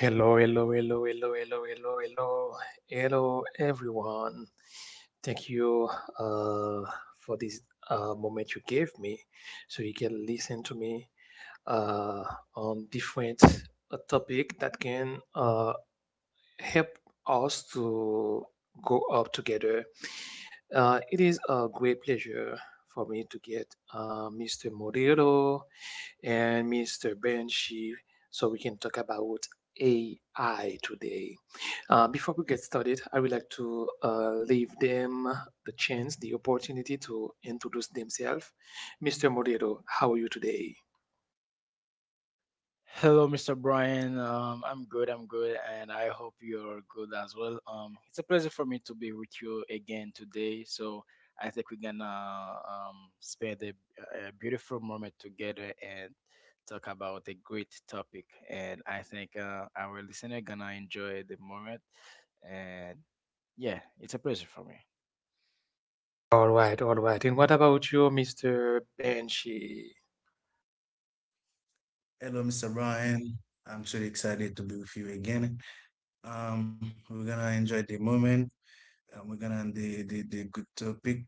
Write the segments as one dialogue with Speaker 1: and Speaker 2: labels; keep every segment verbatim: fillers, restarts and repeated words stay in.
Speaker 1: Hello, hello, hello, hello, hello, hello, hello, hello, everyone. Thank you uh, for this uh, moment you gave me so you can listen to me uh, on different uh, topic that can uh, help us to go up together. Uh, it is a great pleasure for me to get uh, Mister Morillo and Mister Benshi so we can talk about A I today. Uh, before we get started, I would like to uh, leave them the chance, the opportunity to introduce themselves. Mister Morero, how are you today?
Speaker 2: Hello, mister Brian. Um, I'm good. I'm good, and I hope you're good as well. Um, it's a pleasure for me to be with you again today. So I think we're gonna um, spend a, a beautiful moment together and talk about a great topic. And I think uh, our listener gonna enjoy the moment. And yeah, it's a pleasure for me.
Speaker 1: All right, all right. And what about you, Mister Benchi?
Speaker 3: Hello, mister Brian. I'm so excited to be with you again. Um, we're gonna enjoy the moment. Um, we're gonna the the, the good topic.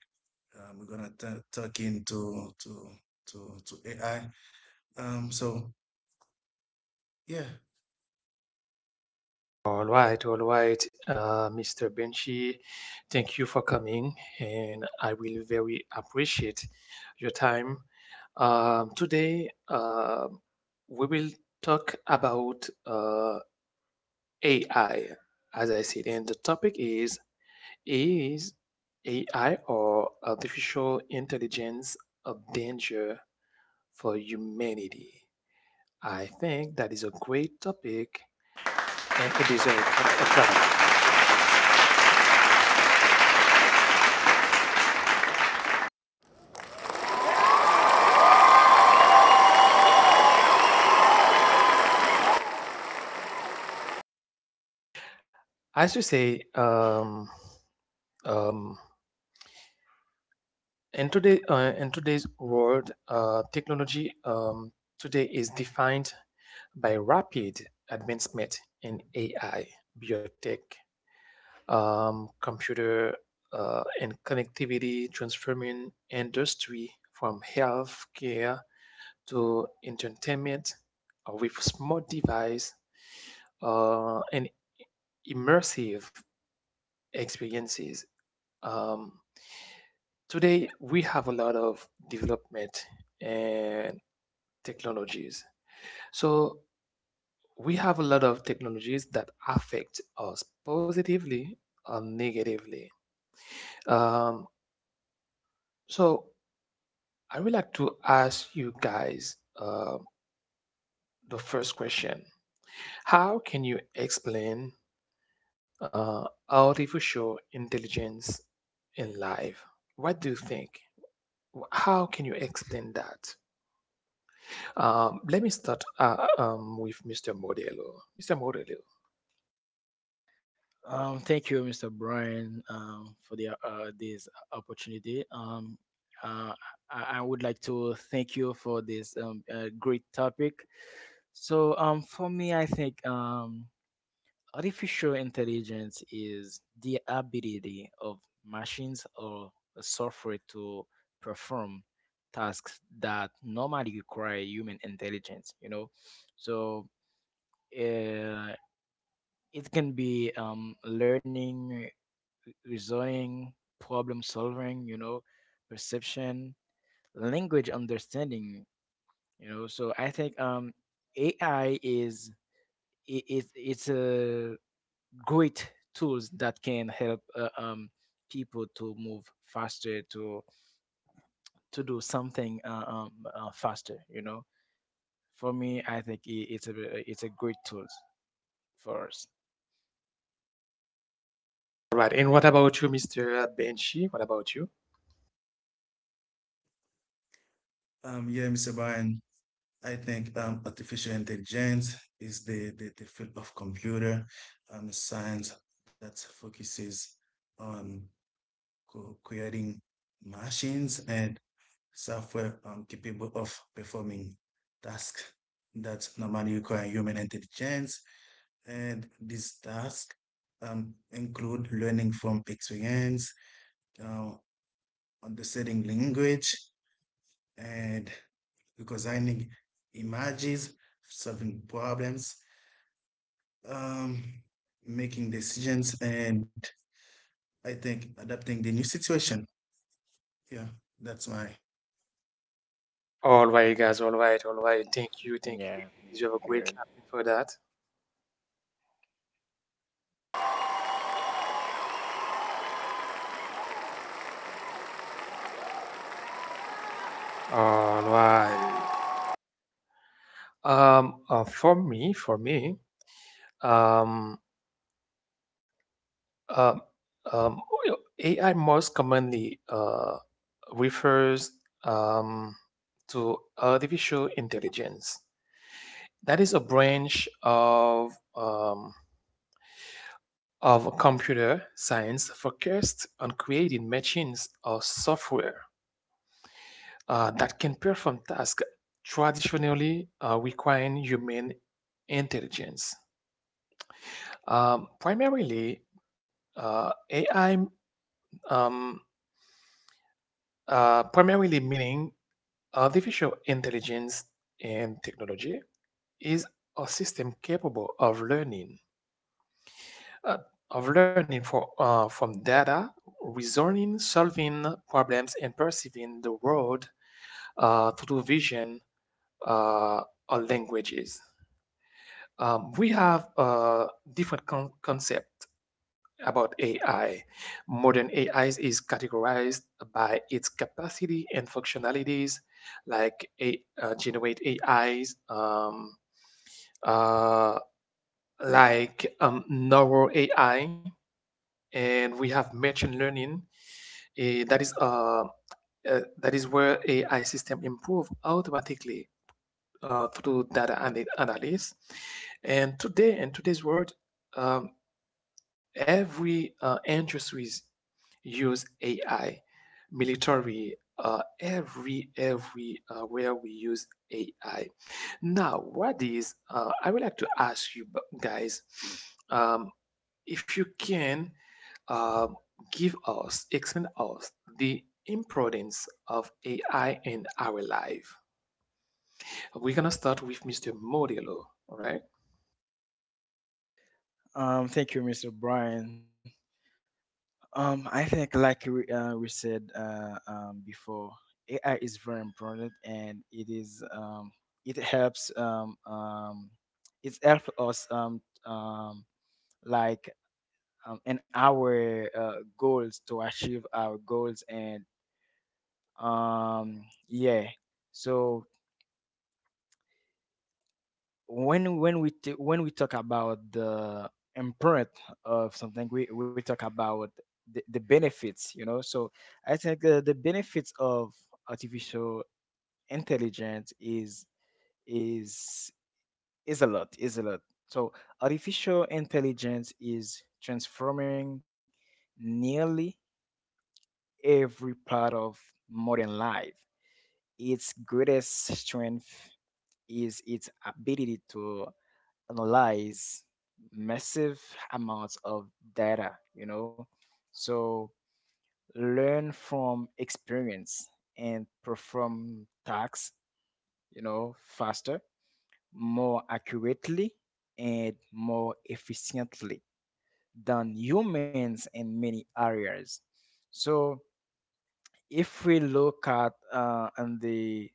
Speaker 3: Um, we're gonna ta talk into to to to A I. Um, so yeah,
Speaker 1: All right, all right, uh, Mister Benchi. Thank you for coming, and I will very appreciate your time. Um, today, um we will talk about uh, A I, as I said, and the topic is: Is A I or artificial intelligence a danger for humanity? I think that is a great topic and it is a quite a clap. As you say, um, um, in, today, uh, in today's world, uh, technology um, today is defined by rapid advancement in A I, biotech, um, computer uh, and connectivity, transforming industry from healthcare to entertainment uh, with smart device uh, and immersive experiences. Um, Today, we have a lot of development and technologies. So we have a lot of technologies that affect us positively or negatively. Um, so I would like to ask you guys uh, the first question. How can you explain uh, artificial intelligence in life? What do you think? Wh- How can you explain that? Um, let me start uh, um, with Mister Modelo. Mister Modelo.
Speaker 2: Um, thank you, mister Brian, um, for the uh, this opportunity. Um, uh, I, I would like to thank you for this um, uh, great topic. So, um, for me, I think um, artificial intelligence is the ability of machines or software to perform tasks that normally require human intelligence. You know, so uh, it can be um, learning, reasoning, problem solving, you know, perception, language understanding, you know. So I think um, A I is I- is it's a great tools that can help uh, um, people to move faster to to do something uh, um, uh, faster. You know, for me, I think I it's a it's a great tools for us.
Speaker 1: All right. And what about you, Mister Benchi? What about you?
Speaker 3: um, yeah, mister Brian, I think um, artificial intelligence is the, the, the field of computer um, science that focuses on co creating machines and software um, capable of performing tasks that normally require human intelligence. And these tasks um, include learning from experience, uh, understanding language, and recognizing images, solving problems, um, making decisions, and I think adapting the new situation. Yeah, that's my
Speaker 1: All right, guys. All right. All right.
Speaker 2: Mm.
Speaker 1: Thank you. Thank
Speaker 2: Yeah,
Speaker 1: you. You
Speaker 2: mm,
Speaker 1: have a great
Speaker 2: good.
Speaker 1: captain for that. All right. Um, uh, for me, for me, um, um, um, A I most commonly uh, refers um, to artificial intelligence. That is a branch of um, of computer science focused on creating machines or software uh, that can perform tasks traditionally uh, requiring human intelligence. Um, primarily, uh, A I, um, uh, primarily meaning artificial intelligence and technology, is a system capable of learning, uh, of learning for, uh, from data, reasoning, solving problems, and perceiving the world uh, through vision uh, or languages. Um, we have a different con- concept about A I. Modern A I is categorized by its capacity and functionalities, like a, uh, generate A Is, um, uh, like um, neural A I, and we have machine learning. Eh, that is uh, uh, that is where A I system improve automatically uh, through data ana- analysis. And today, in today's world, um, every uh, industries use A I. Military, uh, every every uh, where we use A I. Now, what is uh, I would like to ask you bu- guys, um, if you can uh, give us, explain us the importance of A I in our life. We're gonna start with Mister Modelo, all right?
Speaker 2: Um, thank you, mister Brian. Um, I think like we, uh, we said uh, um, before, A I is very important, and it is um, it helps um, um, it helps us um, um, like um, in our uh, goals to achieve our goals, and um, yeah. So when when we t- when we talk about the imprint of something we, we talk about the, the benefits, you know. So I think uh, the benefits of artificial intelligence is is is a lot, is a lot so artificial intelligence is transforming nearly every part of modern life. Its greatest strength is its ability to analyze massive amounts of data, you know. So learn from experience and perform tasks, you know, faster, more accurately, and more efficiently than humans in many areas. So if we look at uh, on the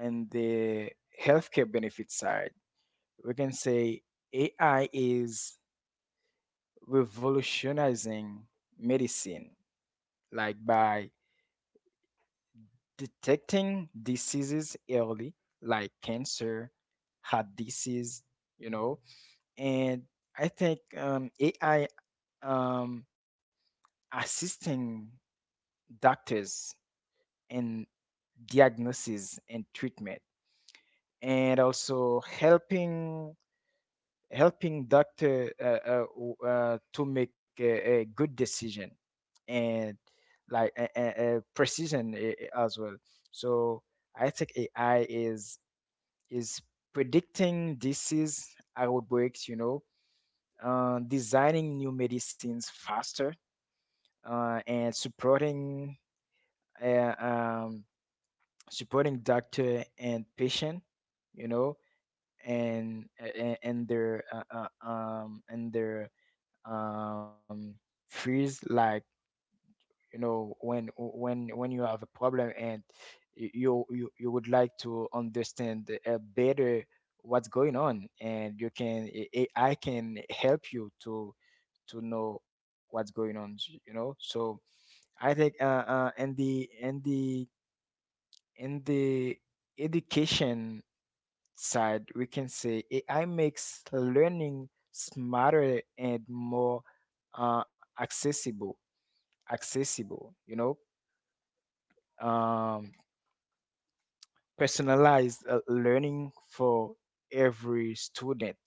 Speaker 2: on the healthcare benefit side, we can say A I is revolutionizing medicine, like by detecting diseases early, like cancer, heart disease, you know. And I think um, A I um, assisting doctors in diagnosis and treatment, and also helping helping doctor uh, uh, w- uh, to make a, a good decision and like a, a, a precision a- a- as well. So I think AI is is predicting disease outbreaks, you know, uh, designing new medicines faster, uh, and supporting uh, um, supporting doctor and patient, you know, and and, and their uh, uh, um and their um fears. Like, you know, when when when you have a problem and y- you you, you would like to understand uh, better what's going on, and you can i I can help you to to know what's going on, you know. So I think uh, uh in the in the in the education side, we can say AI makes learning smarter and more uh, accessible. Accessible, you know, um, personalized uh, learning for every student.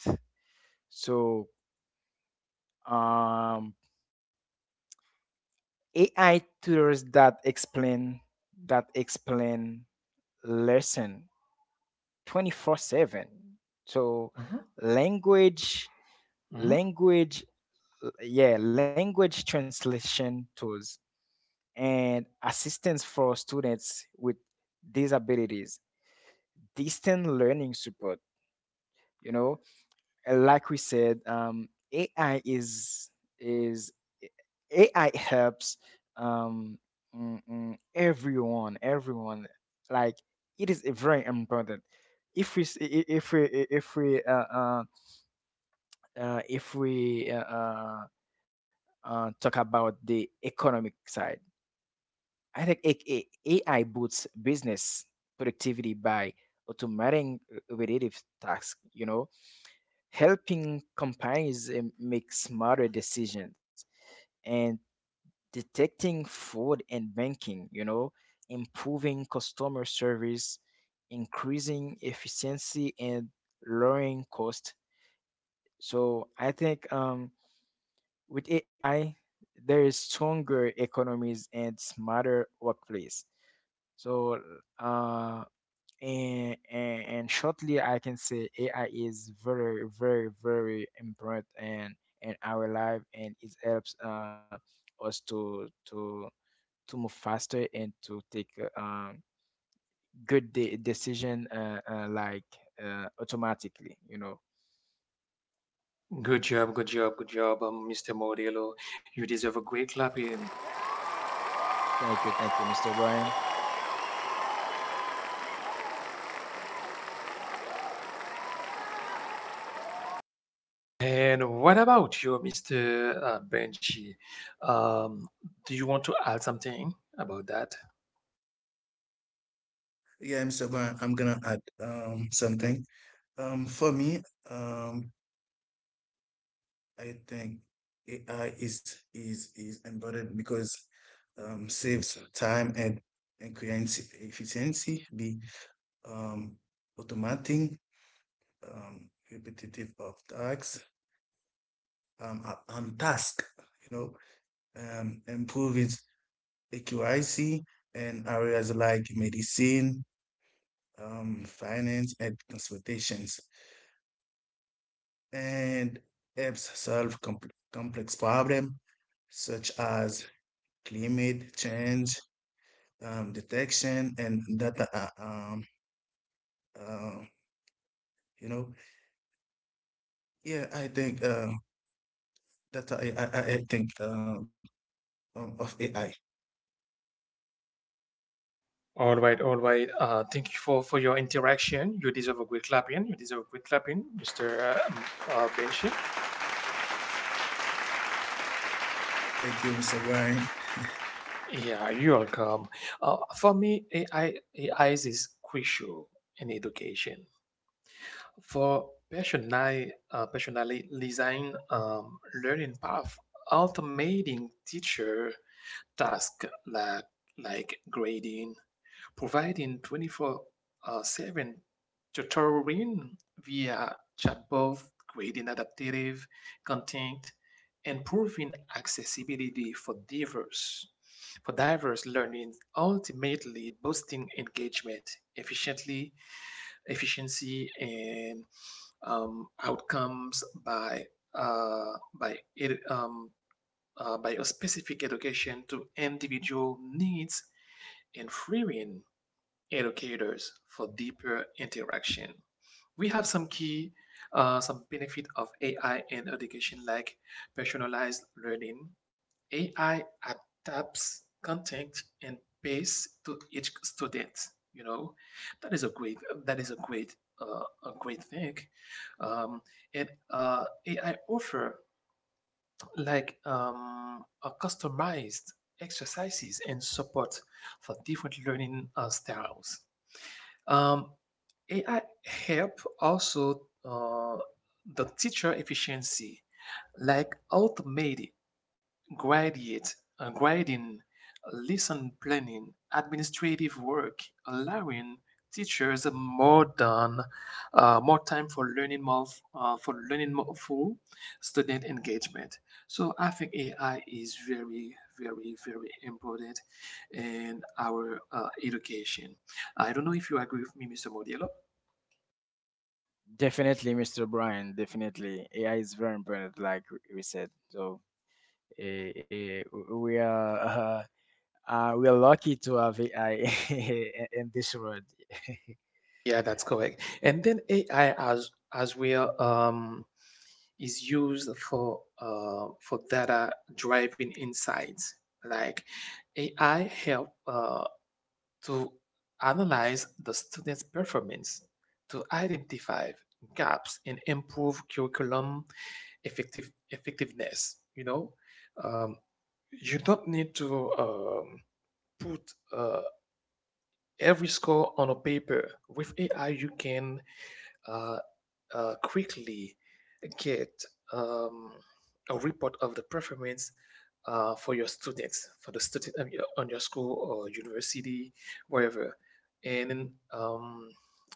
Speaker 2: So um, A I tutors that explain that explain lesson twenty-four seven. So
Speaker 1: Mhm,
Speaker 2: language
Speaker 1: mhm.
Speaker 2: language l- yeah language translation tools and assistance for students with disabilities, distant learning support, you know. Uh, like we said, um, A I is is A I helps, um, mm, mm, everyone, everyone. Like, it is very important. If we s- I- I- if we I- if we uh, uh, uh, if we uh, uh, uh, Talk about the economic side, I think A- A- AI boosts business productivity by automating uh, repetitive tasks. You know, helping companies um, make smarter decisions and detecting fraud and banking, you know, improving customer service, increasing efficiency and lowering cost. So I think um, with AI there is stronger economies and smarter workplace. So uh, and, and and shortly I can say AI is very, very, very important, and in our life, and it helps uh, us to to to move faster and to take uh, um, good de- decision, uh, uh, like uh, automatically, you know.
Speaker 1: Good job, good job, good job, um, Mister Morello. You deserve a great clapping.
Speaker 2: Thank you, thank you, Mr. Brian.
Speaker 1: And what about you, Mister Uh, Benji? Um, do you want to add something about that?
Speaker 3: Yeah, mister Brian, I'm gonna add um something. Um, for me, um, I think A I is is is embedded because um, saves time and and creates efficiency. The um, Automating um, repetitive of tasks um, uh, um task, you know, um, improves accuracy in areas like medicine, um, finance, and transportations, and helps solve compl- complex problems such as climate change, um, detection, and data. Uh, um, uh, you know, yeah, I think uh, data. I, I, I think um, um, of A I.
Speaker 1: All right, all right. Uh, thank you for, for your interaction. You deserve a great clapping. You deserve a great clapping, Mister Uh, um, uh, Benji.
Speaker 3: Thank you, mister Ryan.
Speaker 1: Yeah, you're welcome. Uh, for me, AI, A I is crucial in education, for personali- uh, personalizing um, learning path, automating teacher tasks like, like grading, providing twenty-four seven tutoring via chatbot, grading adaptive content, improving accessibility for diverse for diverse learning, ultimately boosting engagement, efficiently efficiency, and um, outcomes by uh, by um, uh, by a specific education to individual needs, and freeing educators for deeper interaction. We have some key, uh, some benefit of A I in education, like personalized learning. A I adapts content and pace to each student. You know, that is a great, that is a great, uh, a great thing. Um, and uh, A I offer like um, a customized exercises and support for different learning uh, styles. Um, A I help also uh, the teacher efficiency, like automated graduate, uh, grading, lesson planning, administrative work, allowing teachers more than uh, more time for learning more uh, for learning more full student engagement. So I think A I is very very very important in our uh, education. I don't know if you agree with me, Mister Modelo.
Speaker 2: Definitely, mister Brian. Definitely, A I is very important, like w- we said. So eh, eh, w- we are uh, uh, we are lucky to have A I in in this world.
Speaker 1: Yeah, that's correct. And then A I as as well um, is used for uh, for data driving insights. Like A I help uh, to analyze the student's performance, to identify gaps and improve curriculum effective effectiveness. You know, um, you don't need to um, put uh, every score on a paper. With A I, you can uh, uh, quickly get um, a report of the performance uh, for your students, for the student on your, on your school or university, wherever, and um,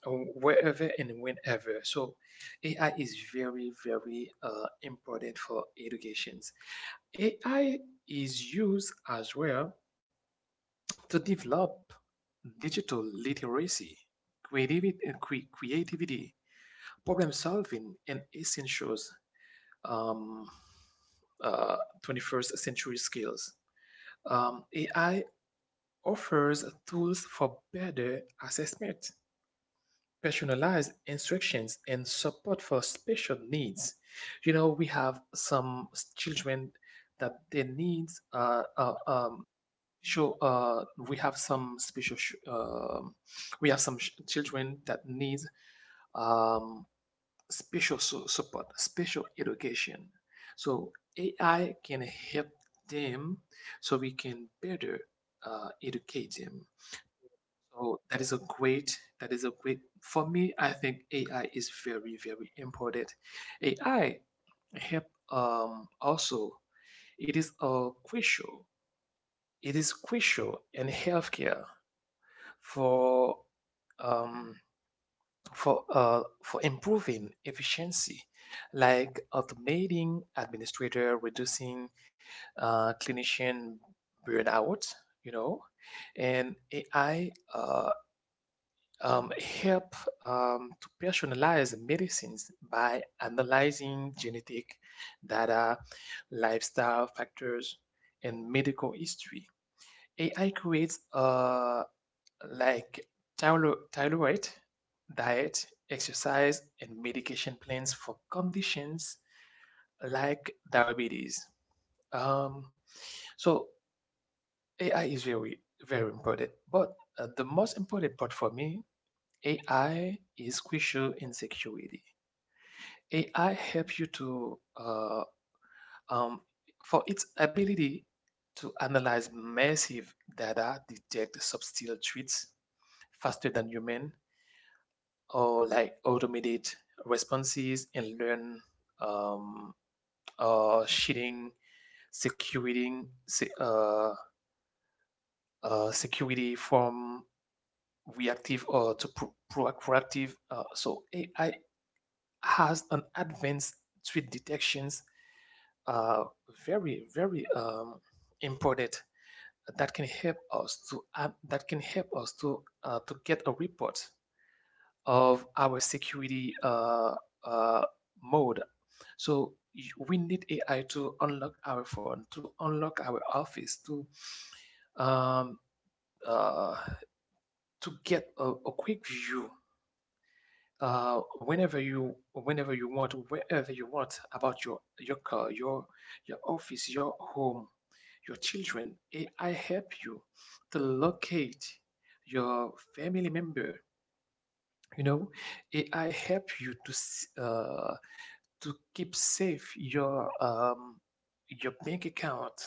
Speaker 1: wherever and whenever. So, A I is very, very uh, important for educations. A I is used as well to develop digital literacy, creativity, problem solving, and essential um, uh, twenty-first century skills. Um, A I offers tools for better assessment, personalized instructions, and support for special needs. You know, we have some children that their needs are, are, um, sure, uh, we have some special sh- um we have some sh- children that need um, special su- support, special education. So A I can help them, so we can better uh, educate them. So that is a great, that is a great. For me, I think A I is very, very important. A I help um, also. It is a crucial. It is crucial in healthcare for um, for uh, for improving efficiency, like automating administrator, reducing uh, clinician burnout, you know, and A I uh, um, help um, to personalize medicines by analyzing genetic data, lifestyle factors, and medical history. A I creates uh like thyroid, diet, exercise, and medication plans for conditions like diabetes. Um, so A I is very, very important. But uh, the most important part for me, A I is crucial in security. A I helps you to, uh, um, for its ability to analyze massive data, detect subtle threats faster than human, or like automated responses, and learn um, uh, shielding security se- uh, uh, security from reactive or to pro- proactive. Uh, so A I has an advanced threat detections uh, very very um, important, that can help us to uh, that can help us to uh, to get a report of our security uh, uh, mode. So we need A I to unlock our phone, to unlock our office, to um, uh, to get a, a quick view uh, whenever you whenever you want, wherever you want, about your your car, your your office, your home, your children. A I help you to locate your family member. You know, A I help you to uh, to keep safe your um, your bank account.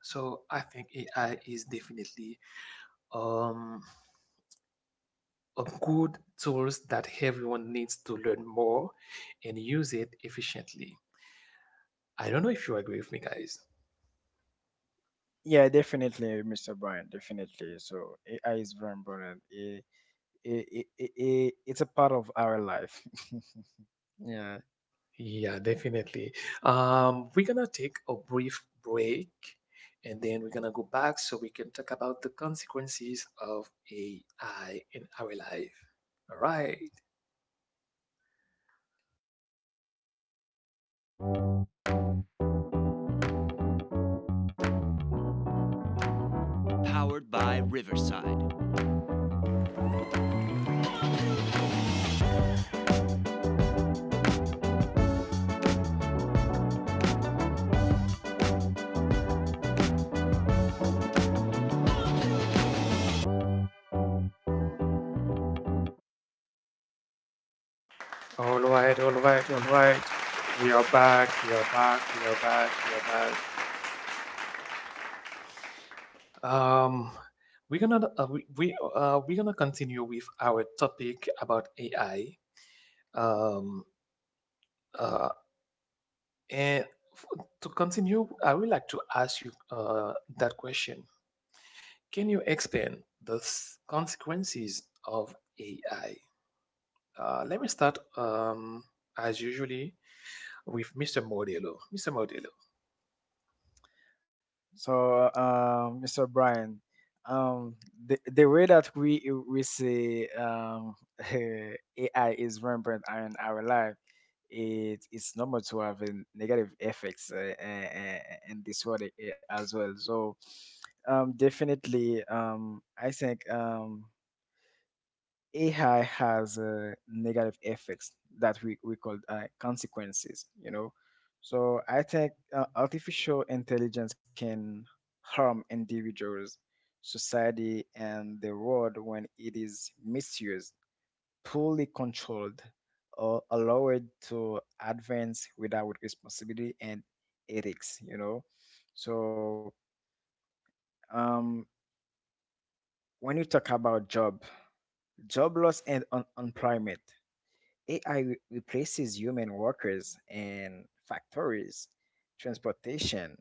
Speaker 1: So I think A I is definitely um, a good tools that everyone needs to learn more and use it efficiently. I don't know if you agree with me, guys.
Speaker 2: Yeah, definitely, mister Brian. Definitely. So A I is very important. It, it, it, it, it's a part of our life. Yeah.
Speaker 1: Yeah, definitely. Um, we're gonna take a brief break, and then we're gonna go back so we can talk about the consequences of A I in our life. All right. All right, all right, all right. We are back, we are back, we are back, we are back. Um, we're gonna uh, we, we uh, we're gonna continue with our topic about A I. Um, uh, and f- to continue, I would like to ask you uh, that question. Can you explain the s- consequences of A I? Uh, let me start um, as usually with Mister Modelo. Mister Modelo.
Speaker 2: So, um, mister Brian, um, the, the way that we we see um, A I is rampant in our life, it it's normal to have a negative effects uh, uh, uh, in this world a- as well. So, um, definitely, um, I think um, A I has uh, negative effects that we, we call uh, consequences, you know. So I think uh, artificial intelligence can harm individuals, society, and the world when it is misused, poorly controlled, or allowed to advance without responsibility and ethics, you know. So um, when you talk about job, job loss and un- unemployment, A I re- replaces human workers in factories, transportation,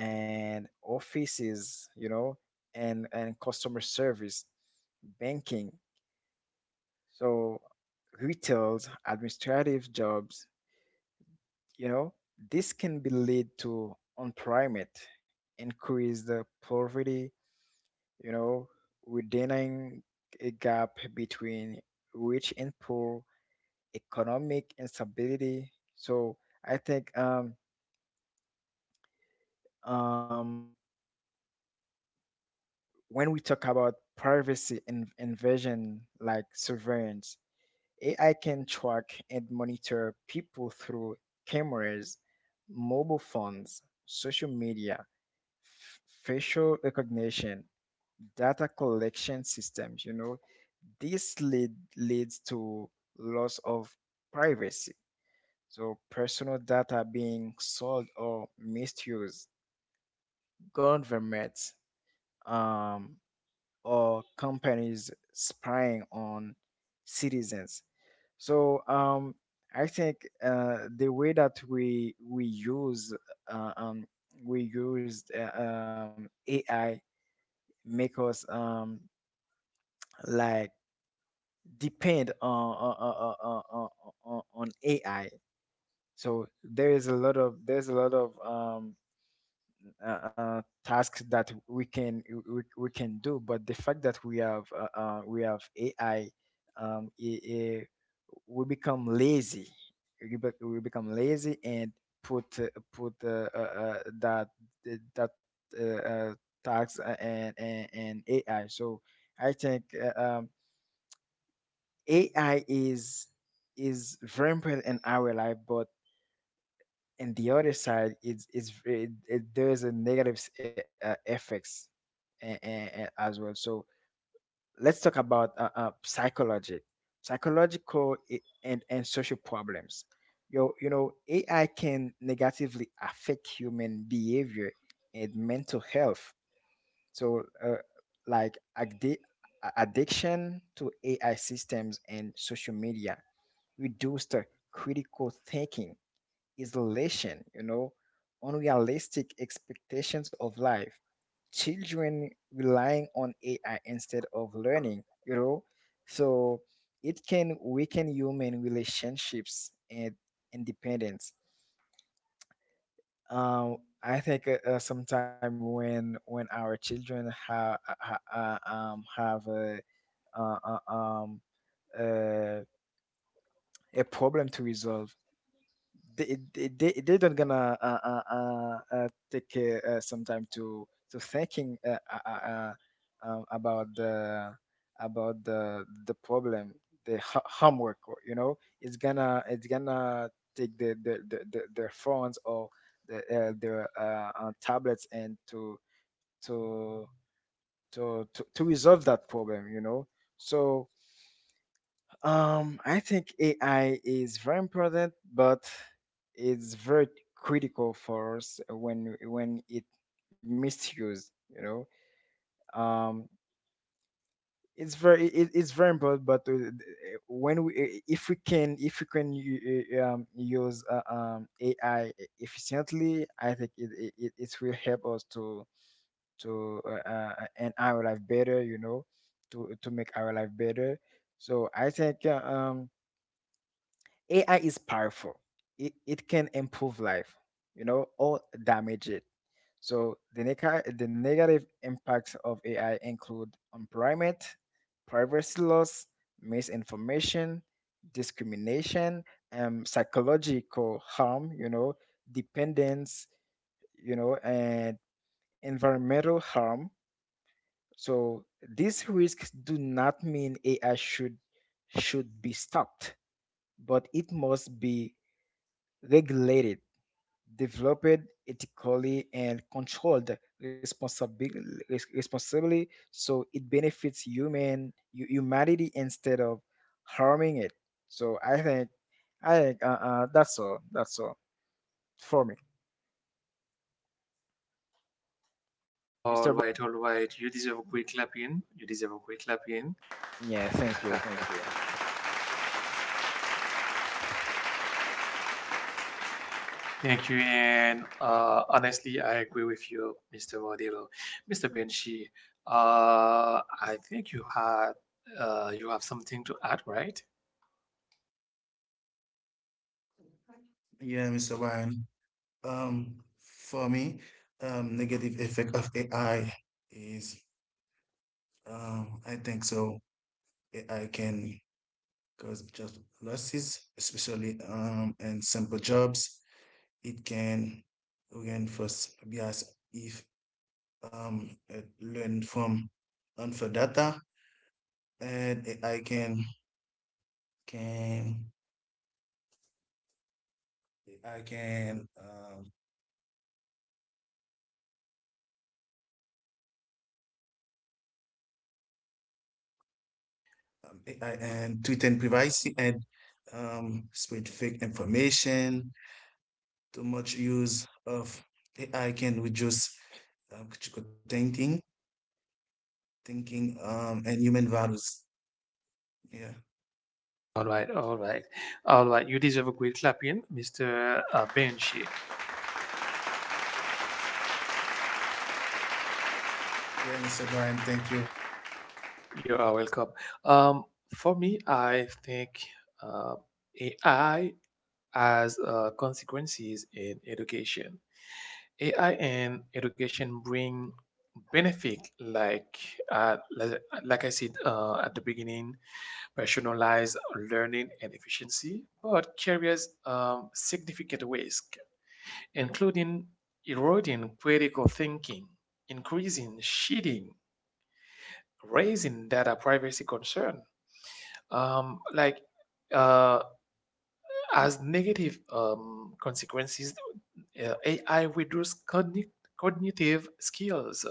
Speaker 2: and offices, you know, and, and customer service, banking. So retails, administrative jobs, you know, this can be lead to unemployment, increased uh, poverty, you know, widening a gap between rich and poor, economic instability. So I think um, um, when we talk about privacy and invasion, like surveillance, A I can track and monitor people through cameras, mobile phones, social media, f- facial recognition, data collection systems. You know, this lead leads to loss of privacy. So personal data being sold or misused, governments um, or companies spying on citizens. So um, I think uh, the way that we we use uh, um, we use uh, um, A I make us um, like depend on on, on, on on- on A I. So there is a lot of there's a lot of um, uh, uh, tasks that we can we, we can do, but the fact that we have uh, uh, we have AI um, i- i- we become lazy, we, bec- we become lazy and put uh, put uh, uh, uh, that that uh, uh, tax and, and and AI. So I think uh, um, AI is is very important in our life, but and the other side is is it, it there's a negative s- e, uh, effects a- a- a- as well. So let's talk about uh, uh, psychologic psychological i- and and social problems. Yo, you know, AI can negatively affect human behavior and mental health. So uh, like addi- a- addiction to AI systems and social media, reduced critical thinking, isolation, you know, unrealistic expectations of life, children relying on A I instead of learning, you know. So it can weaken human relationships and independence. Um, I think uh, uh, sometime when when our children ha, ha, ha- uh, um, have a, uh, uh, um, uh, a problem to resolve, they they they they don't gonna uh, uh, uh, uh, take uh, uh, some time to to thinking uh, uh, uh, uh, um, about the about the the problem, the ho- homework, or, you know, it's gonna it's gonna take the the, the, the their phones or the uh, their uh, uh, tablets and to to to to to resolve that problem, you know. So um, I think A I is very important, but it's very critical for us when when it misused. You know, um, it's very it, it's very important, but uh, when we eh, if we can if we can u- uh, um, use uh, um, A I efficiently, I think it, it it it will help us to to uh, uh, and our life better. You know, to to make our life better. So I think uh, um A I is powerful. It, it can improve life, you know, or damage it. So the, nega- the negative impacts of A I include employment, privacy loss, misinformation, discrimination, um, psychological harm, you know, dependence, you know, and environmental harm. So these risks do not mean A I should should be stopped, but it must be regulated, developed ethically, and controlled responsibly, responsibly so it benefits human hu- humanity instead of harming it. So I think I think uh, uh that's all. That's all for me, mister Bo-
Speaker 1: All right, all right. You deserve a great clapping. You deserve a great clapping.
Speaker 2: yeah, thank you, thank you.
Speaker 1: Thank you. And uh, honestly, I agree with you, Mister Modelo. Mister Benshi, uh, I think you had uh, you have something to add, right?
Speaker 3: Yeah, mister Ryan. Um, for me, um, negative effect of A I is, um, I think so. A I can cause job losses, especially um in simple jobs. It can again first be as if um it learn from unfair data, and A I can can A I can um um, A I and tweet and privacy and um spread fake information. Too much use of A I can reduce um, critical thinking, thinking um and human values. Yeah.
Speaker 1: All right, all right, all right. You deserve a great clapping, Mister Uh, Benshi.
Speaker 3: Yeah, mister Brian, thank you.
Speaker 1: You are welcome. Um, for me, I think uh, A I has uh, consequences in education. A I in education bring benefit like uh, like, like I said uh, at the beginning, personalized learning and efficiency, but carries um, significant risk, including eroding critical thinking, increasing cheating, raising data privacy concern. um, like uh, as negative um, consequences, uh, A I reduces cogni- cognitive skills.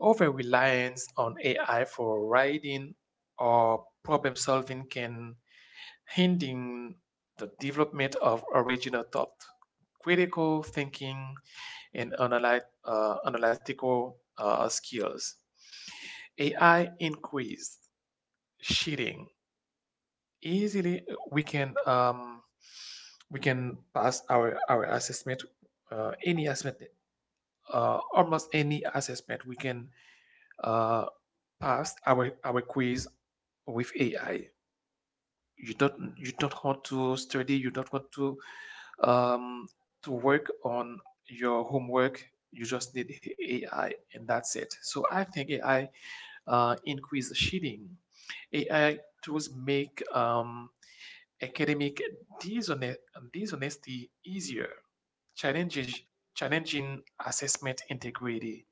Speaker 1: Over reliance on A I for writing or problem solving can hinder the development of original thought, critical thinking, and analyt- uh, analytical uh, skills. A I increased cheating. Easily uh, we can um, we can pass our our assessment, uh, any assessment, uh, almost any assessment, we can uh, pass our our quiz with A I. You don't you don't want to study, you don't want to um, to work on your homework, you just need A I and that's it. So I think A I uh, increase cheating. A I tools make um, academic dishone- dishonesty easier, challenges challenging assessment integrity.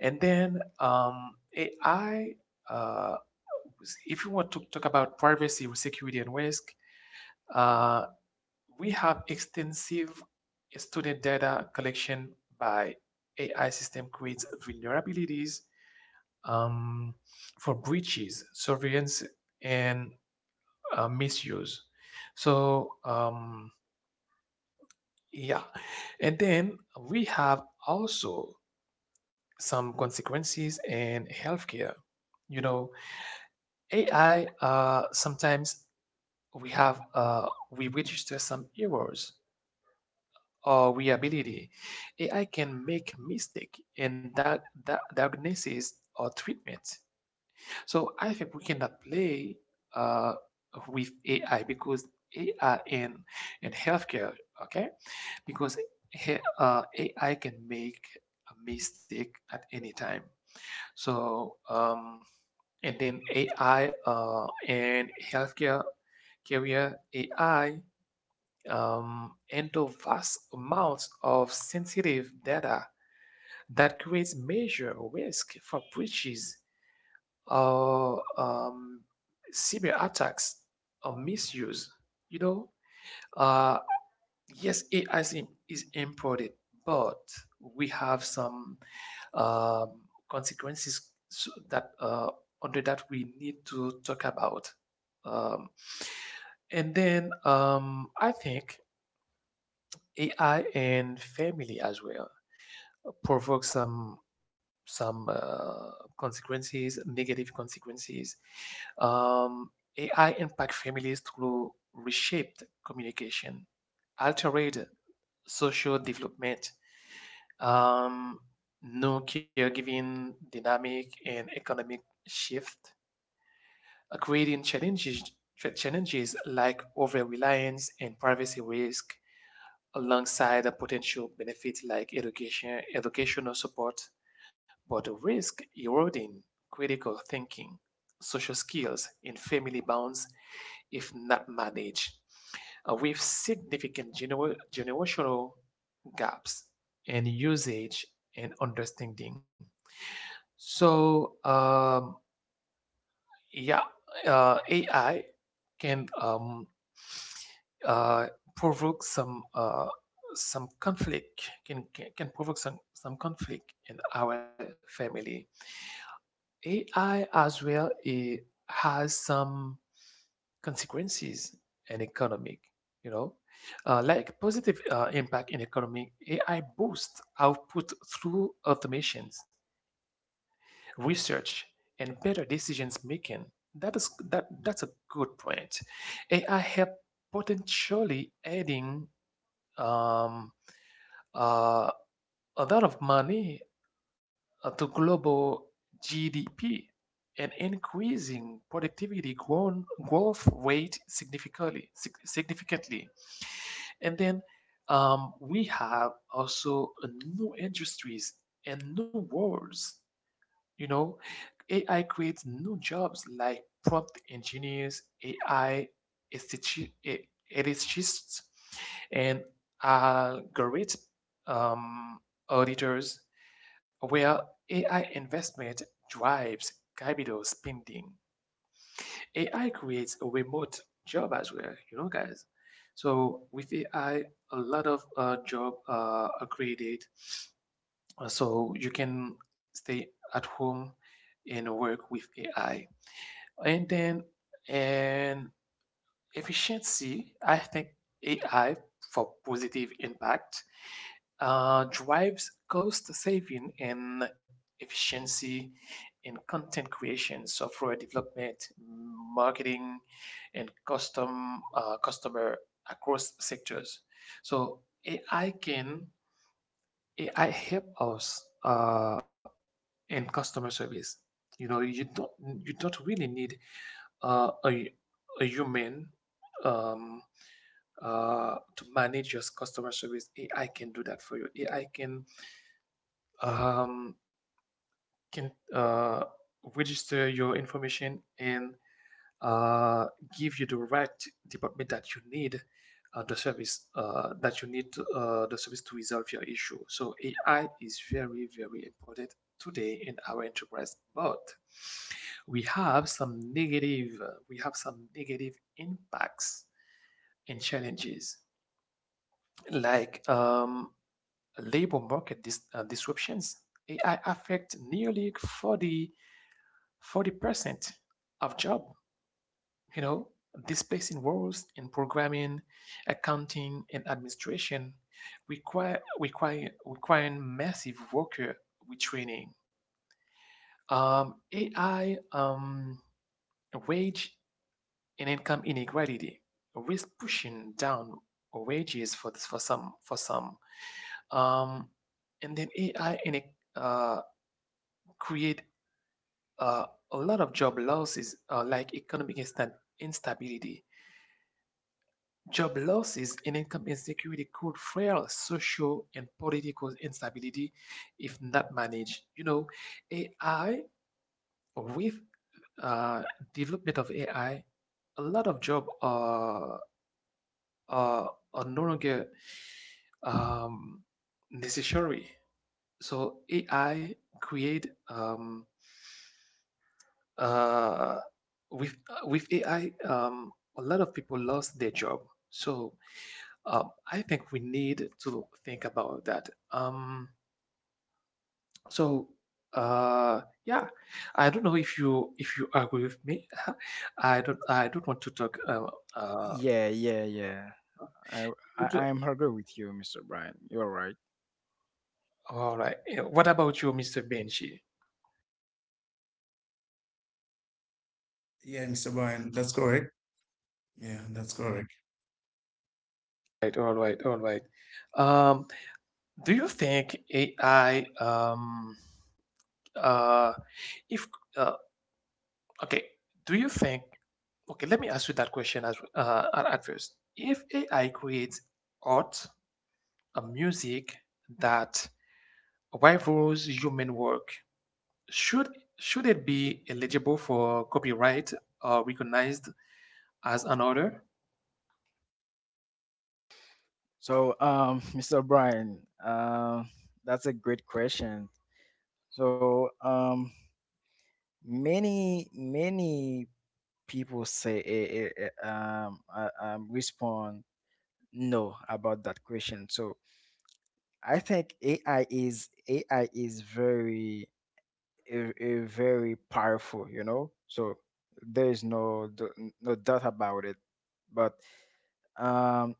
Speaker 1: And then um, A I, uh, if you want to talk about privacy, security, and risk, uh, we have extensive student data collection by A I system creates vulnerabilities um, for breaches, surveillance, and uh, misuse. So um, Yeah. And then we have also some consequences in healthcare. You know, A I, uh, sometimes we have, uh, we register some errors or reliability. A I can make mistake in that, that diagnosis or treatment. So I think we cannot play uh, with A I because A I in, in healthcare, okay? Because uh, A I can make a mistake at any time. So um, and then A I uh, and healthcare carrier A I um, into vast amounts of sensitive data that creates major risk for breaches or uh, um, cyber attacks or misuse. You know, uh, yes, A I is, im- is imported, but we have some um, consequences, so that uh, under that we need to talk about. Um, and then um, I think A I and family as well provoke some some uh, consequences, negative consequences. Um, A I impact families through reshaped communication, altered social development, Um, new caregiving dynamic, and economic shift are creating challenges, ch- challenges like over-reliance and privacy risk, alongside the potential benefits like education, educational support, but risk eroding critical thinking, social skills, in family bonds if not managed, uh, with significant gener- generational gaps in usage and understanding. So, um, yeah, uh, A I can um, uh, provoke some uh, some conflict, can, can can provoke some, some conflict in our family. A I as well it has some consequences in economic, you know. Uh, like positive uh, impact in economy. A I boosts output through automations, research, and better decisions making. That is that that's a good point. A I help, potentially adding um, uh, a lot of money uh, to global G D P and increasing productivity grown, growth rate significantly. significantly. And then um, we have also uh, new industries and new worlds. You know, A I creates new jobs like prompt engineers, A I estheticists, and algorithm um, auditors, where A I investment drives capital spending. A I creates a remote job as well, you know, guys. So with A I, a lot of uh, job uh, are created. Uh, So you can stay at home and work with A I. And then, and efficiency, I think A I for positive impact uh, drives cost saving and efficiency in content creation, software development, marketing, and custom uh, customer across sectors. So A I can A I help us uh, in customer service. You know, you don't you don't really need uh, a, a human um, uh, to manage your customer service. A I can do that for you. A I can um, can uh, register your information and uh, give you the right department that you need, uh, the service uh, that you need uh, the service to resolve your issue. So A I is very very important today in our enterprise, but we have some negative uh, we have some negative impacts and challenges like um, labor market dis- uh, disruptions. A I affect nearly 40 forty percent of job. You know, displacing roles in programming, accounting, and administration, require require requiring massive worker retraining. Um, A I um, wage and income inequality risk pushing down wages for this, for some for some. Um, and then A I in a, uh, create uh, a lot of job losses uh, like economic instan instability. Job losses and income insecurity could fuel social and political instability if not managed. You know, A I, with uh, development of A I, a lot of jobs are, are, are no longer um, necessary. So A I create um, uh, with uh, with A I, um, a lot of people lost their job. So Uh, I think we need to think about that. Um, so uh, yeah, I don't know if you if you agree with me. I don't I don't want to talk. Uh, uh,
Speaker 2: Yeah, yeah, yeah. I
Speaker 1: to-
Speaker 2: I I'm agree with you, mister Brian. You're right.
Speaker 1: all right. Yeah, what about you, mister Benji?
Speaker 3: Yeah, mister Brian, that's correct. Yeah, that's correct.
Speaker 1: Right. All right. All right. Um, do you think A I? Um, uh, if uh, okay, do you think? Okay, let me ask you that question as uh, at at first. If A I creates art, a music that rivals human work, should should it be eligible for copyright or recognized as an order?
Speaker 2: So um, mister Brian, um, that's a great question. So um, many many people say eh, eh, eh, um, uh, um respond no about that question. So I think ai is AI is very eh, eh, very powerful, you know. So there is no d- no doubt about it, but um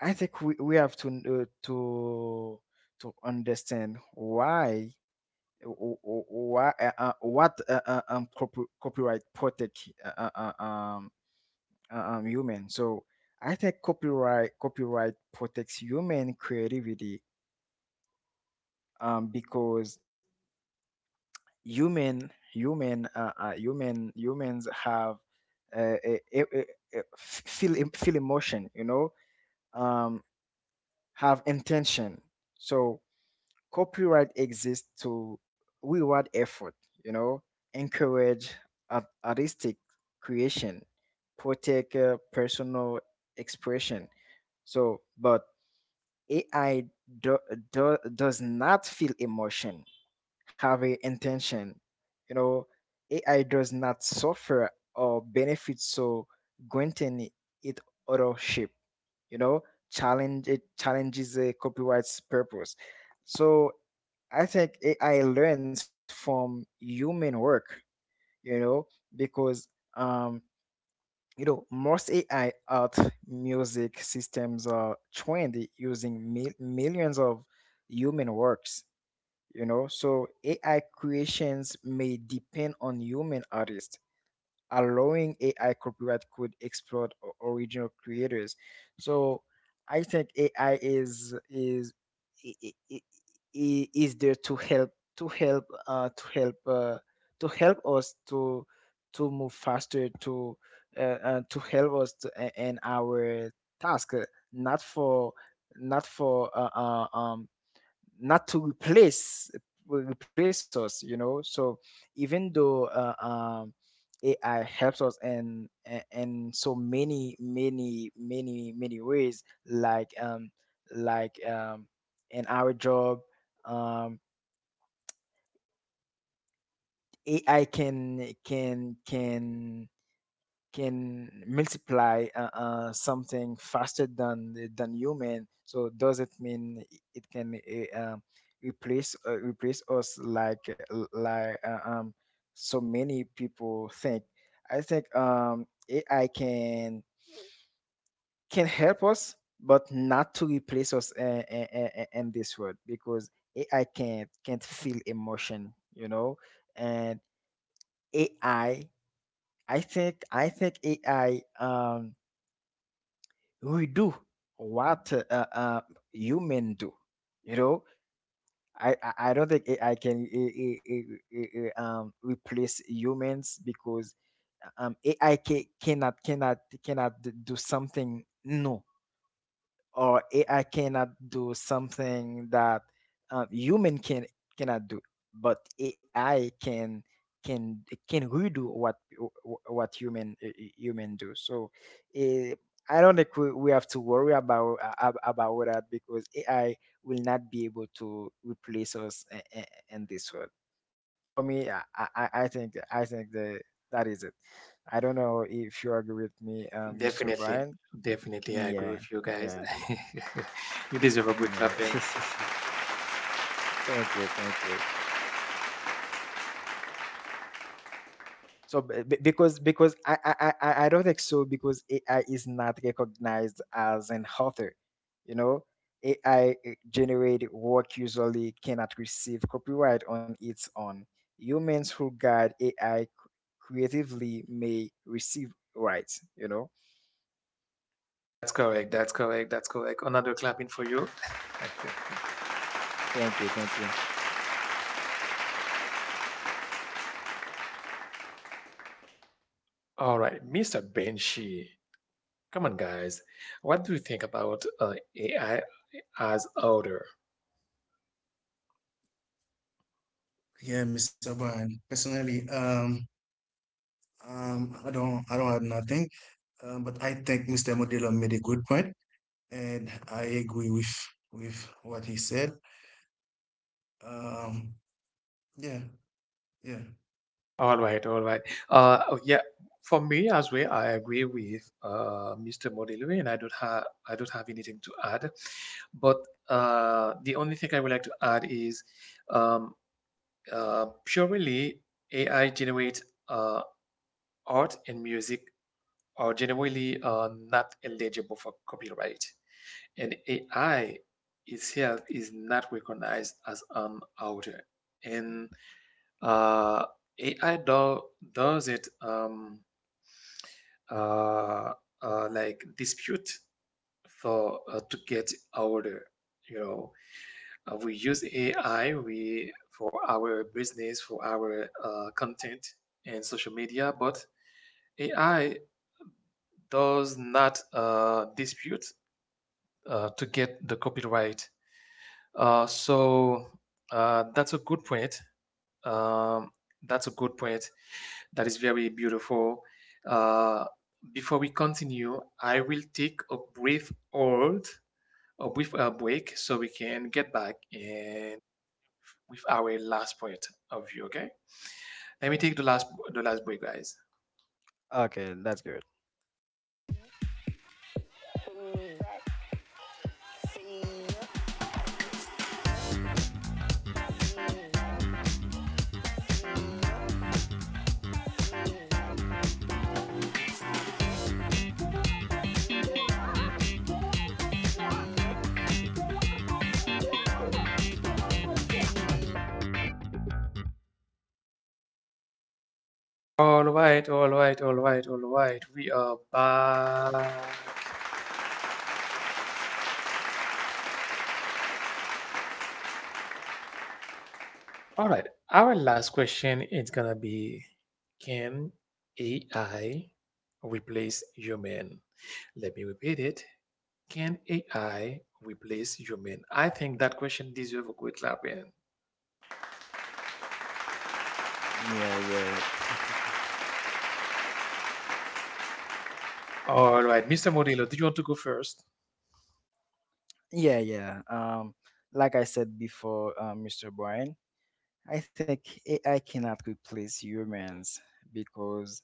Speaker 2: I think we, we have to uh, to to understand why. What uh, what uh, uh, um, corpo- Copyright protect uh, uh, uh, um, uh, um, human. So I think copyright copyright protects human creativity, um, because human human uh, uh, human humans have uh, a, a, a, a- feel em- feel emotion, you know, um, have intention. So copyright exists to reward effort, you know, encourage art- artistic creation, protect uh, personal expression. So, but A I do, do, does not feel emotion have a intention. You know, A I does not suffer or benefit, so granting it authorship, you know, challenge it challenges the copyright's purpose. So I think A I learns from human work, you know, because um you know most A I art music systems are trained using mil- millions of human works you know So AI creations may depend on human artists. Allowing AI copyright could exploit o- original creators. So I think AI is is i- i- i- i- is there to help, to help uh, to help uh, to help us to to move faster, to uh, uh, to help us to, a- in our task, uh, not for, not for uh, uh, um not to replace, replace us, you know. So even though uh, um, AI helps us in in in so many many many many ways, like um like um in our job, um AI can can can can multiply uh, uh, something faster than the- than human. So does it mean i- it can, uh, um, replace, uh, replace us like, uh, like uh, um, so many people think? I think um, AI can can help us, but not to replace us, uh, uh, uh, uh, in this world, because AI can't can't feel emotion, you know. And AI, I, I think i think AI, um we do what uh, uh, human do. You know, I I, I don't think I I can, uh, uh, uh, uh, um, replace humans, because um, A I ca- cannot cannot cannot d- do something. No, or A I cannot do something that um, human can cannot do, but A I can can can redo what what human uh, uh, human do. So eh, I don't think we, we have to worry about uh, about that, because A I will not be able to replace us i- i- in this world. For me, I, I, I think I think the that is it. I don't know if you agree with me, um, mister
Speaker 1: Definitely,
Speaker 2: Brian.
Speaker 1: definitely, I agree
Speaker 2: Yeah,
Speaker 1: with you guys.
Speaker 2: yeah.
Speaker 1: You deserve a good clapping.
Speaker 2: Yeah. Thank you, thank you. So b- b- because because I I I I I don't think so, because A I is not recognized as an author, you know. A I generated work usually cannot receive copyright on its own. Humans who guide A I creatively may receive rights, you know.
Speaker 1: That's correct. That's correct. That's correct. Another clapping for you.
Speaker 2: Thank you, thank you.
Speaker 1: All right, mister Benshi. Come on, guys. What do you think about uh, A I as order?
Speaker 3: Yeah, mister Brian. Personally, um, um, I don't, I don't have nothing. Um, but I think mister Modelo made a good point, and I agree with with what he said. Um, yeah, yeah,
Speaker 1: All right, all right. Uh, oh, yeah, for me as well, I agree with uh, mister Modilwe, and I don't have I don't have anything to add. But uh, the only thing I would like to add is um, Uh, purely A I generates uh, art and music are generally uh, not eligible for copyright, and A I itself is not recognized as an author. And uh, A I do, does it um, uh, uh, like dispute for uh, to get author, you know. Uh, we use A I we for our business, for our uh, content and social media, but A I does not uh, dispute uh, to get the copyright. Uh, so uh, that's a good point. Um, that's a good point. That is very beautiful. Uh, Before we continue, I will take a brief hold, a brief uh, break, so we can get back and with our last point of view, okay? Let me take the last the last break, guys.
Speaker 2: Okay, that's good.
Speaker 1: All right, all right, all right, all right. We are back. All right. Our last question is gonna be, can A I replace human? Let me repeat it. Can A I replace human? I think that question deserves a quick clap in.
Speaker 2: Yeah, yeah,
Speaker 1: All right, mister Modelo, do you want to go first?
Speaker 2: yeah, yeah. Um, like I said before, um, mister Brian, I think A I cannot replace humans, because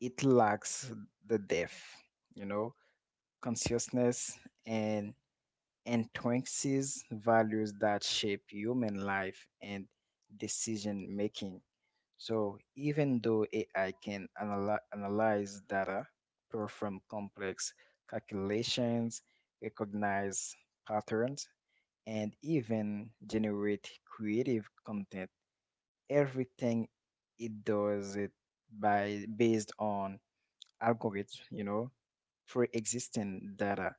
Speaker 2: it lacks the depth, you know, consciousness, and entrances values that shape human life and decision making. So, even though A I can analy- analyze data, perform complex calculations, recognize patterns, and even generate creative content, everything it does it by based on algorithms, you know, pre-existing data,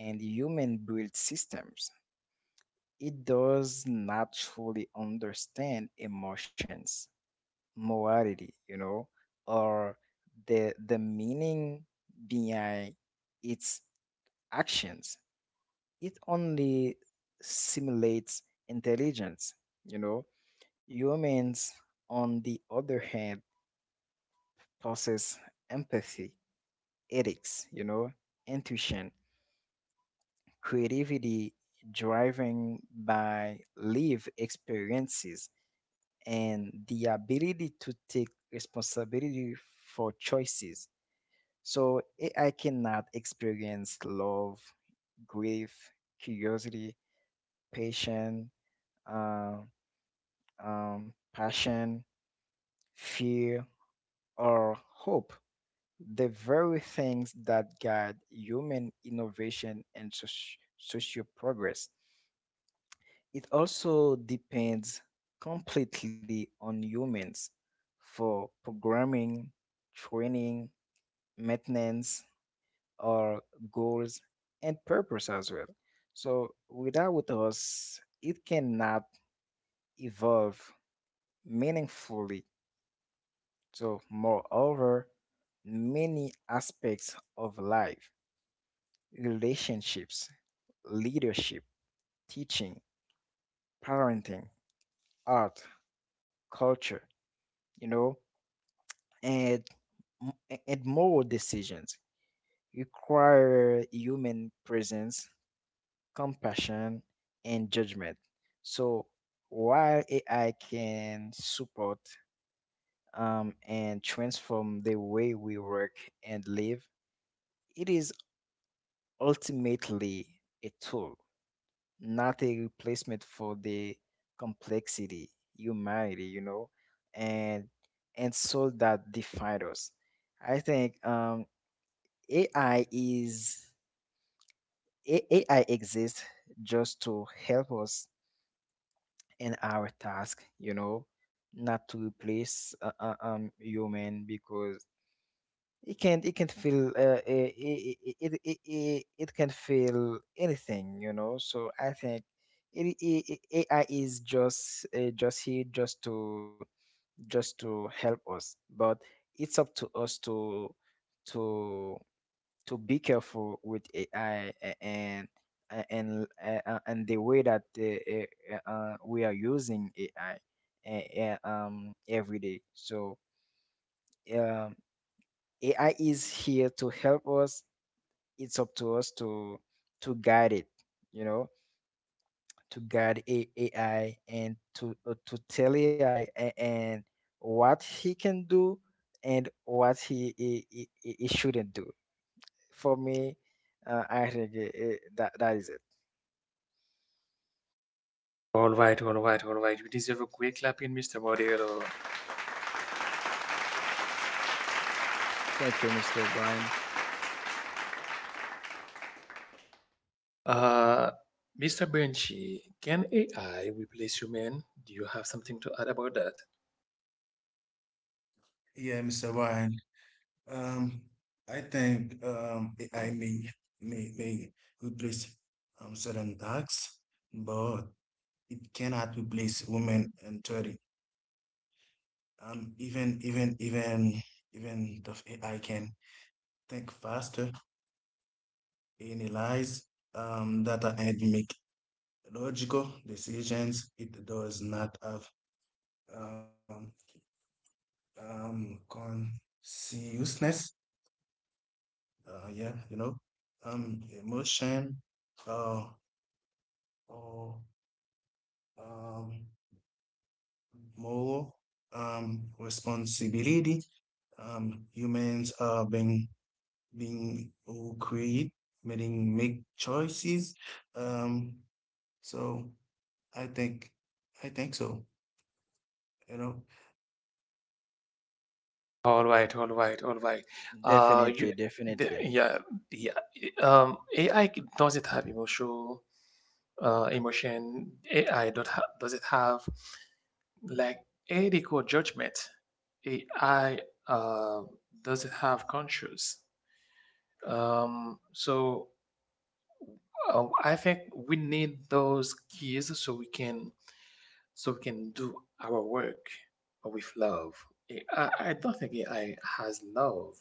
Speaker 2: and human built systems. It does not truly understand emotions, morality, you know, or the the meaning behind its actions. It only simulates intelligence, you know. Humans, on the other hand, forces empathy, ethics, you know, intuition, creativity driven by lived experiences and the ability to take responsibility for choices. So A I cannot experience love, grief, curiosity, patience, uh, um, passion, fear, or hope, the very things that guide human innovation and soci- social progress. It also depends completely on humans for programming, training, maintenance, or goals and purpose as well. So, without us, it cannot evolve meaningfully. So, moreover, many aspects of life, relationships, leadership, teaching, parenting, art, culture, you know, and m- and moral decisions require human presence, compassion, and judgment. So, while A I can support, um, and transform the way we work and live, it is ultimately a tool, not a replacement for the complexity, humanity, you know, and and soul that define us. I think, um, A I is, A- AI exists just to help us in our task, you know, not to replace uh, uh, um human, because it can't it can't feel, uh, it, it, it, it, it, can feel anything, you know. So I think it, it, it- AI is just, uh, just here, just to, just to help us, but it's up to us to to to be careful with AI, a- and a- and uh, uh, and the way that uh, uh, uh, we are using AI uh, uh, um every day. So, um AI is here to help us. It's up to us to to guide it, you know, to guide A- AI, and to, uh, to tell AI and what he can do, and what he he, he, he he shouldn't do. For me, uh, I think i i- that that is it.
Speaker 1: All right, all right, all right. You deserve a quick clap in, mister Modelo.
Speaker 2: Thank you, Mr. Brian.
Speaker 1: Uh, mister Benchy, can A I replace human? Do you have something to add about that?
Speaker 3: yeah, mister Brian. Um, I think um, A I may may may replace um certain tasks, but it cannot replace women and thirty. Um, even even even even the A I can think faster, analyze um, data, and make logical decisions. It does not have um, um, consciousness. Uh, yeah, you know, um, emotion uh, or um, moral um, responsibility. Um, humans are being being who create, making make choices. Um, so I think I think so. You know,
Speaker 1: All right, all right, all right. Uh,
Speaker 2: Definitely,
Speaker 1: you, the,
Speaker 2: definitely.
Speaker 1: yeah, yeah. Um, A I, does it have emotional uh, emotion? A I don't ha- does it have, like, ethical judgment? A I uh, doesn't have conscience. Um, so um, I think we need those keys so we can, so we can do our work with love. I, I don't think A I has love.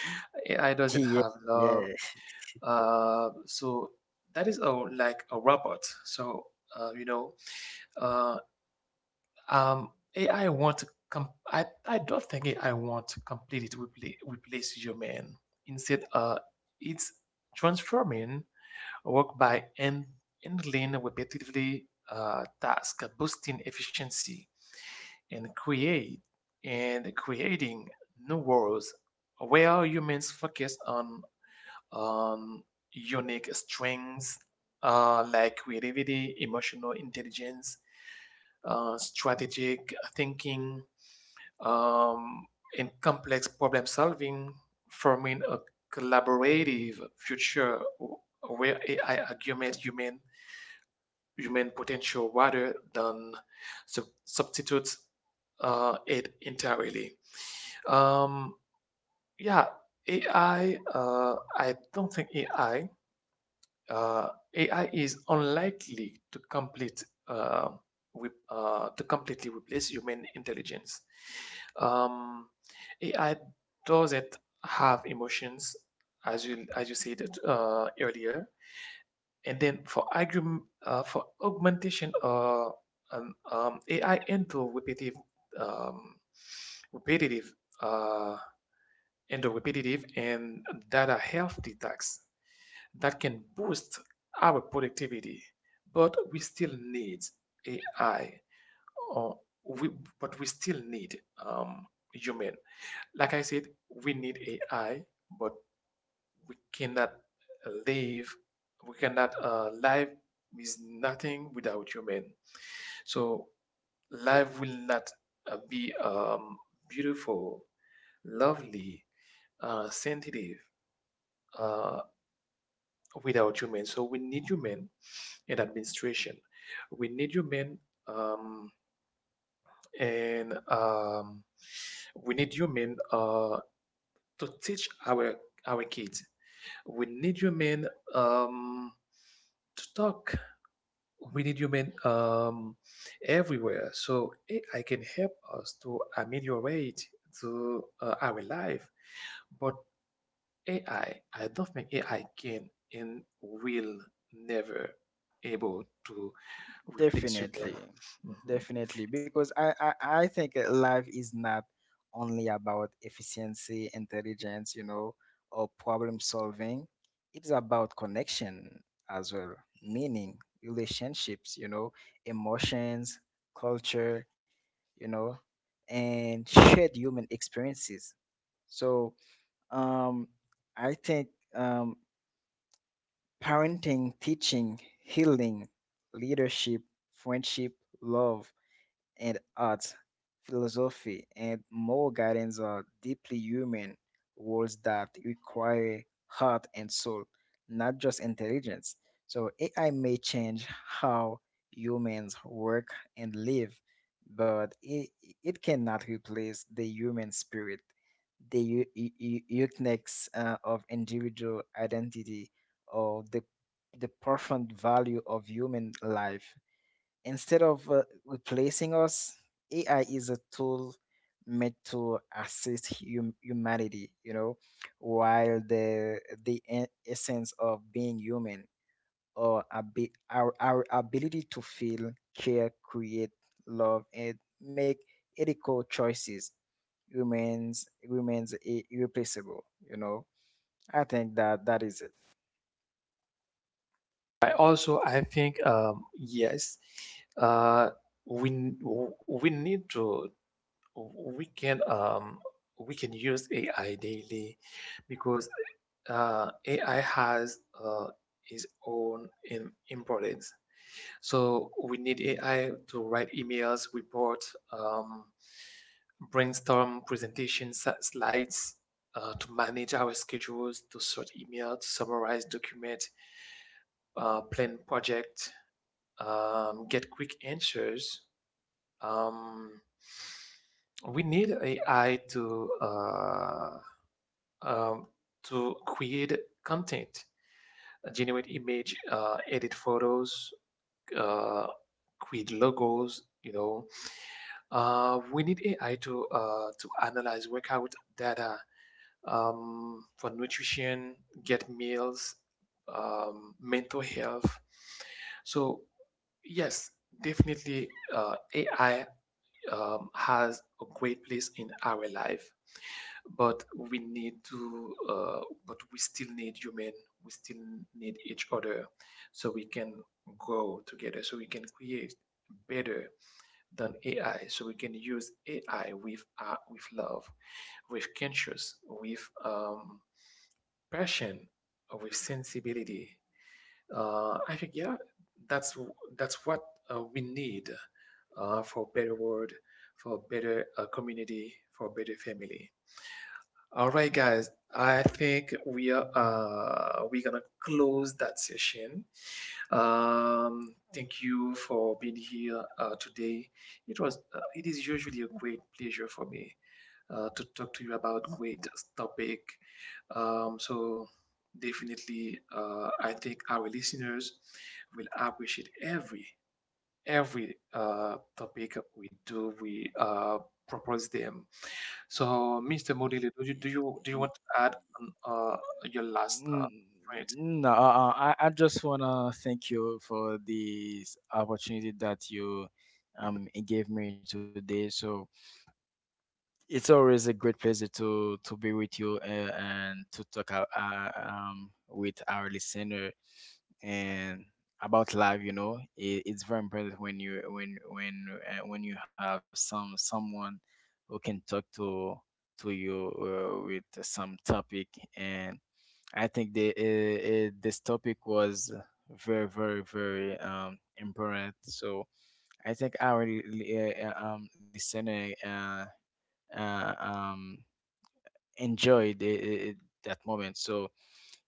Speaker 1: A I doesn't
Speaker 2: yeah,
Speaker 1: have
Speaker 2: yeah.
Speaker 1: love. Uh, so that is a like a robot. So uh, you know, uh, Um, A I won't com- I, I don't think A I want to completely to repla- replace human. Instead, uh, it's transforming work by en- handling repetitively uh, tasks, boosting efficiency, and create and creating new worlds where humans focus on on unique strengths uh, like creativity, emotional intelligence, uh, strategic thinking, um, in complex problem solving, forming a collaborative future where A I augments human human potential rather than sub- substitutes uh, it entirely. Um, yeah, A I. Uh, I don't think A I uh, A I is unlikely to complete uh, with, uh, to completely replace human intelligence. Um, A I doesn't have emotions, as you as you said uh, earlier. And then for argument uh, for augmentation, uh, um, um, A I into repetitive, um, repetitive, uh, into repetitive and data healthy tasks that can boost our productivity, but we still need A I, or we, but we still need um, human. Like I said, we need A I, but we cannot live, we cannot uh, life is nothing without human. So life will not uh, be um, beautiful, lovely, uh, sensitive, uh, without human. So we need human in administration. We need human, um, and um, we need human uh, to teach our our kids. We need human um, to talk. We need human um, everywhere. So A I can help us to ameliorate to uh, our life. But A I, I I don't think A I can, and will never able to replace human.
Speaker 2: Definitely,
Speaker 1: Mhm.
Speaker 2: definitely, because I, I I think uh, life is not only about efficiency, intelligence, you know, or problem solving. It's about connection as well, meaning, relationships, you know, emotions, culture, you know, and shared human experiences. So, um, I think, um, parenting, teaching, healing, leadership, friendship, love and art, philosophy, and more guidance are deeply human worlds that require heart and soul, not just intelligence. So A I may change how humans work and live, but it, it cannot replace the human spirit, the u- u- u- uniqueness uh, of individual identity, or the the profound value of human life. Instead of uh, replacing us, A I is a tool made to assist hum- humanity, you know, while the the e- essence of being human, or abi- our our ability to feel, care, create, love, and make ethical choices remains, remains i- irreplaceable. You know, I think that that is
Speaker 1: I also I think um, yes, uh, we we need to, we can um, we can use A I daily, because uh, A I has uh, its own in importance. So we need A I to write emails, reports, um, brainstorm presentations, slides, uh, to manage our schedules, to sort email, to summarize document, uh, plan project, um, get quick answers. Um, we need A I to uh, um, to create content, uh, generate image, uh, edit photos, uh, create logos. You know, uh, we need A I to uh, to analyze workout data um, for nutrition, get meals, um, mental health. So yes, definitely, uh, A I um, has a great place in our life, but we need to uh, but we still need human. We still need each other, so we can grow together, so we can create better than ai, so we can use ai with uh, with love, with conscious, with um, passion, with sensibility. uh, I think, yeah, that's that's what uh, we need uh, for a better world, for a better uh, community, for a better family. All right, guys. I think we are uh, we're gonna close that session. Um, thank you for being here uh, today. It was uh, it is usually a great pleasure for me uh, to talk to you about great topic. Um, so Definitely, uh, I think our listeners will appreciate every every uh, topic we do. We uh, Propose them. So, mister Modele, do you do you do you
Speaker 2: it.
Speaker 1: want to add on, uh, your last uh,
Speaker 2: Mm, mm,
Speaker 1: point?
Speaker 2: No, uh, uh, I, I just wanna thank you for this opportunity that you um gave me today. So, it's always a great pleasure to to be with you, uh, and to talk, uh, uh, um, with our listener, and about life. You know, it, it's very important when you when when uh, when you have some someone who can talk to to you, uh, with some topic. And I think the uh, uh, this topic was very very very um important. So I think our li- li- uh, uh, um listener, Uh, uh, um, enjoyed I I that moment. So,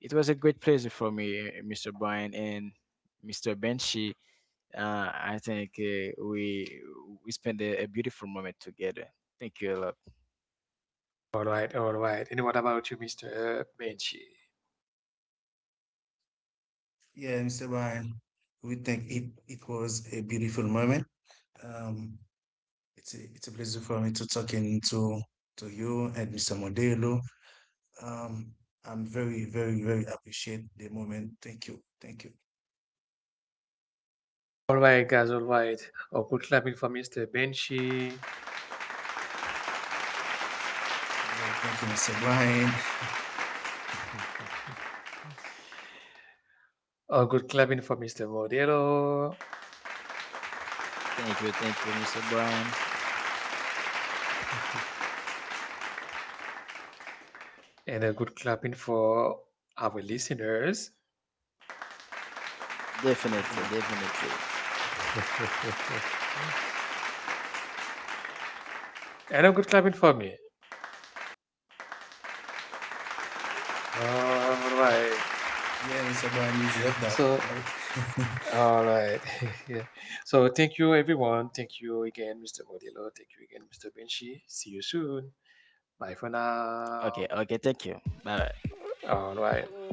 Speaker 2: it was a great pleasure for me, uh, mister Brian and mister Benchi. Uh, I think, uh, we we spent a, a beautiful moment together. Thank you a lot.
Speaker 1: All right, all right. And what about you, mister Benchi?
Speaker 3: yeah, mister Brian, we think it it was a beautiful moment. Um, it's a, it's a pleasure for me to talking to to you and mister Modelo. Um, I'm very very very appreciate the moment. Thank you, thank you.
Speaker 1: All right, guys. All right. A good clapping for mister Benchi.
Speaker 3: Yeah, thank you, mister Brian.
Speaker 1: A good clapping for mister Modelo.
Speaker 2: Thank you, thank you, mister Brian.
Speaker 1: And a good clapping for our listeners.
Speaker 2: Definitely,
Speaker 3: Definitely.
Speaker 2: definitely.
Speaker 1: And a good clapping for me. All right.
Speaker 3: Yeah, mister Brian, you deserve
Speaker 1: So,
Speaker 3: that. No.
Speaker 1: all right. So, thank you, everyone. Thank you again, mister Modelo. Thank you again, mister Benchi. See you soon. Bye for now.
Speaker 2: Okay, okay. Thank you. Bye.
Speaker 1: All right.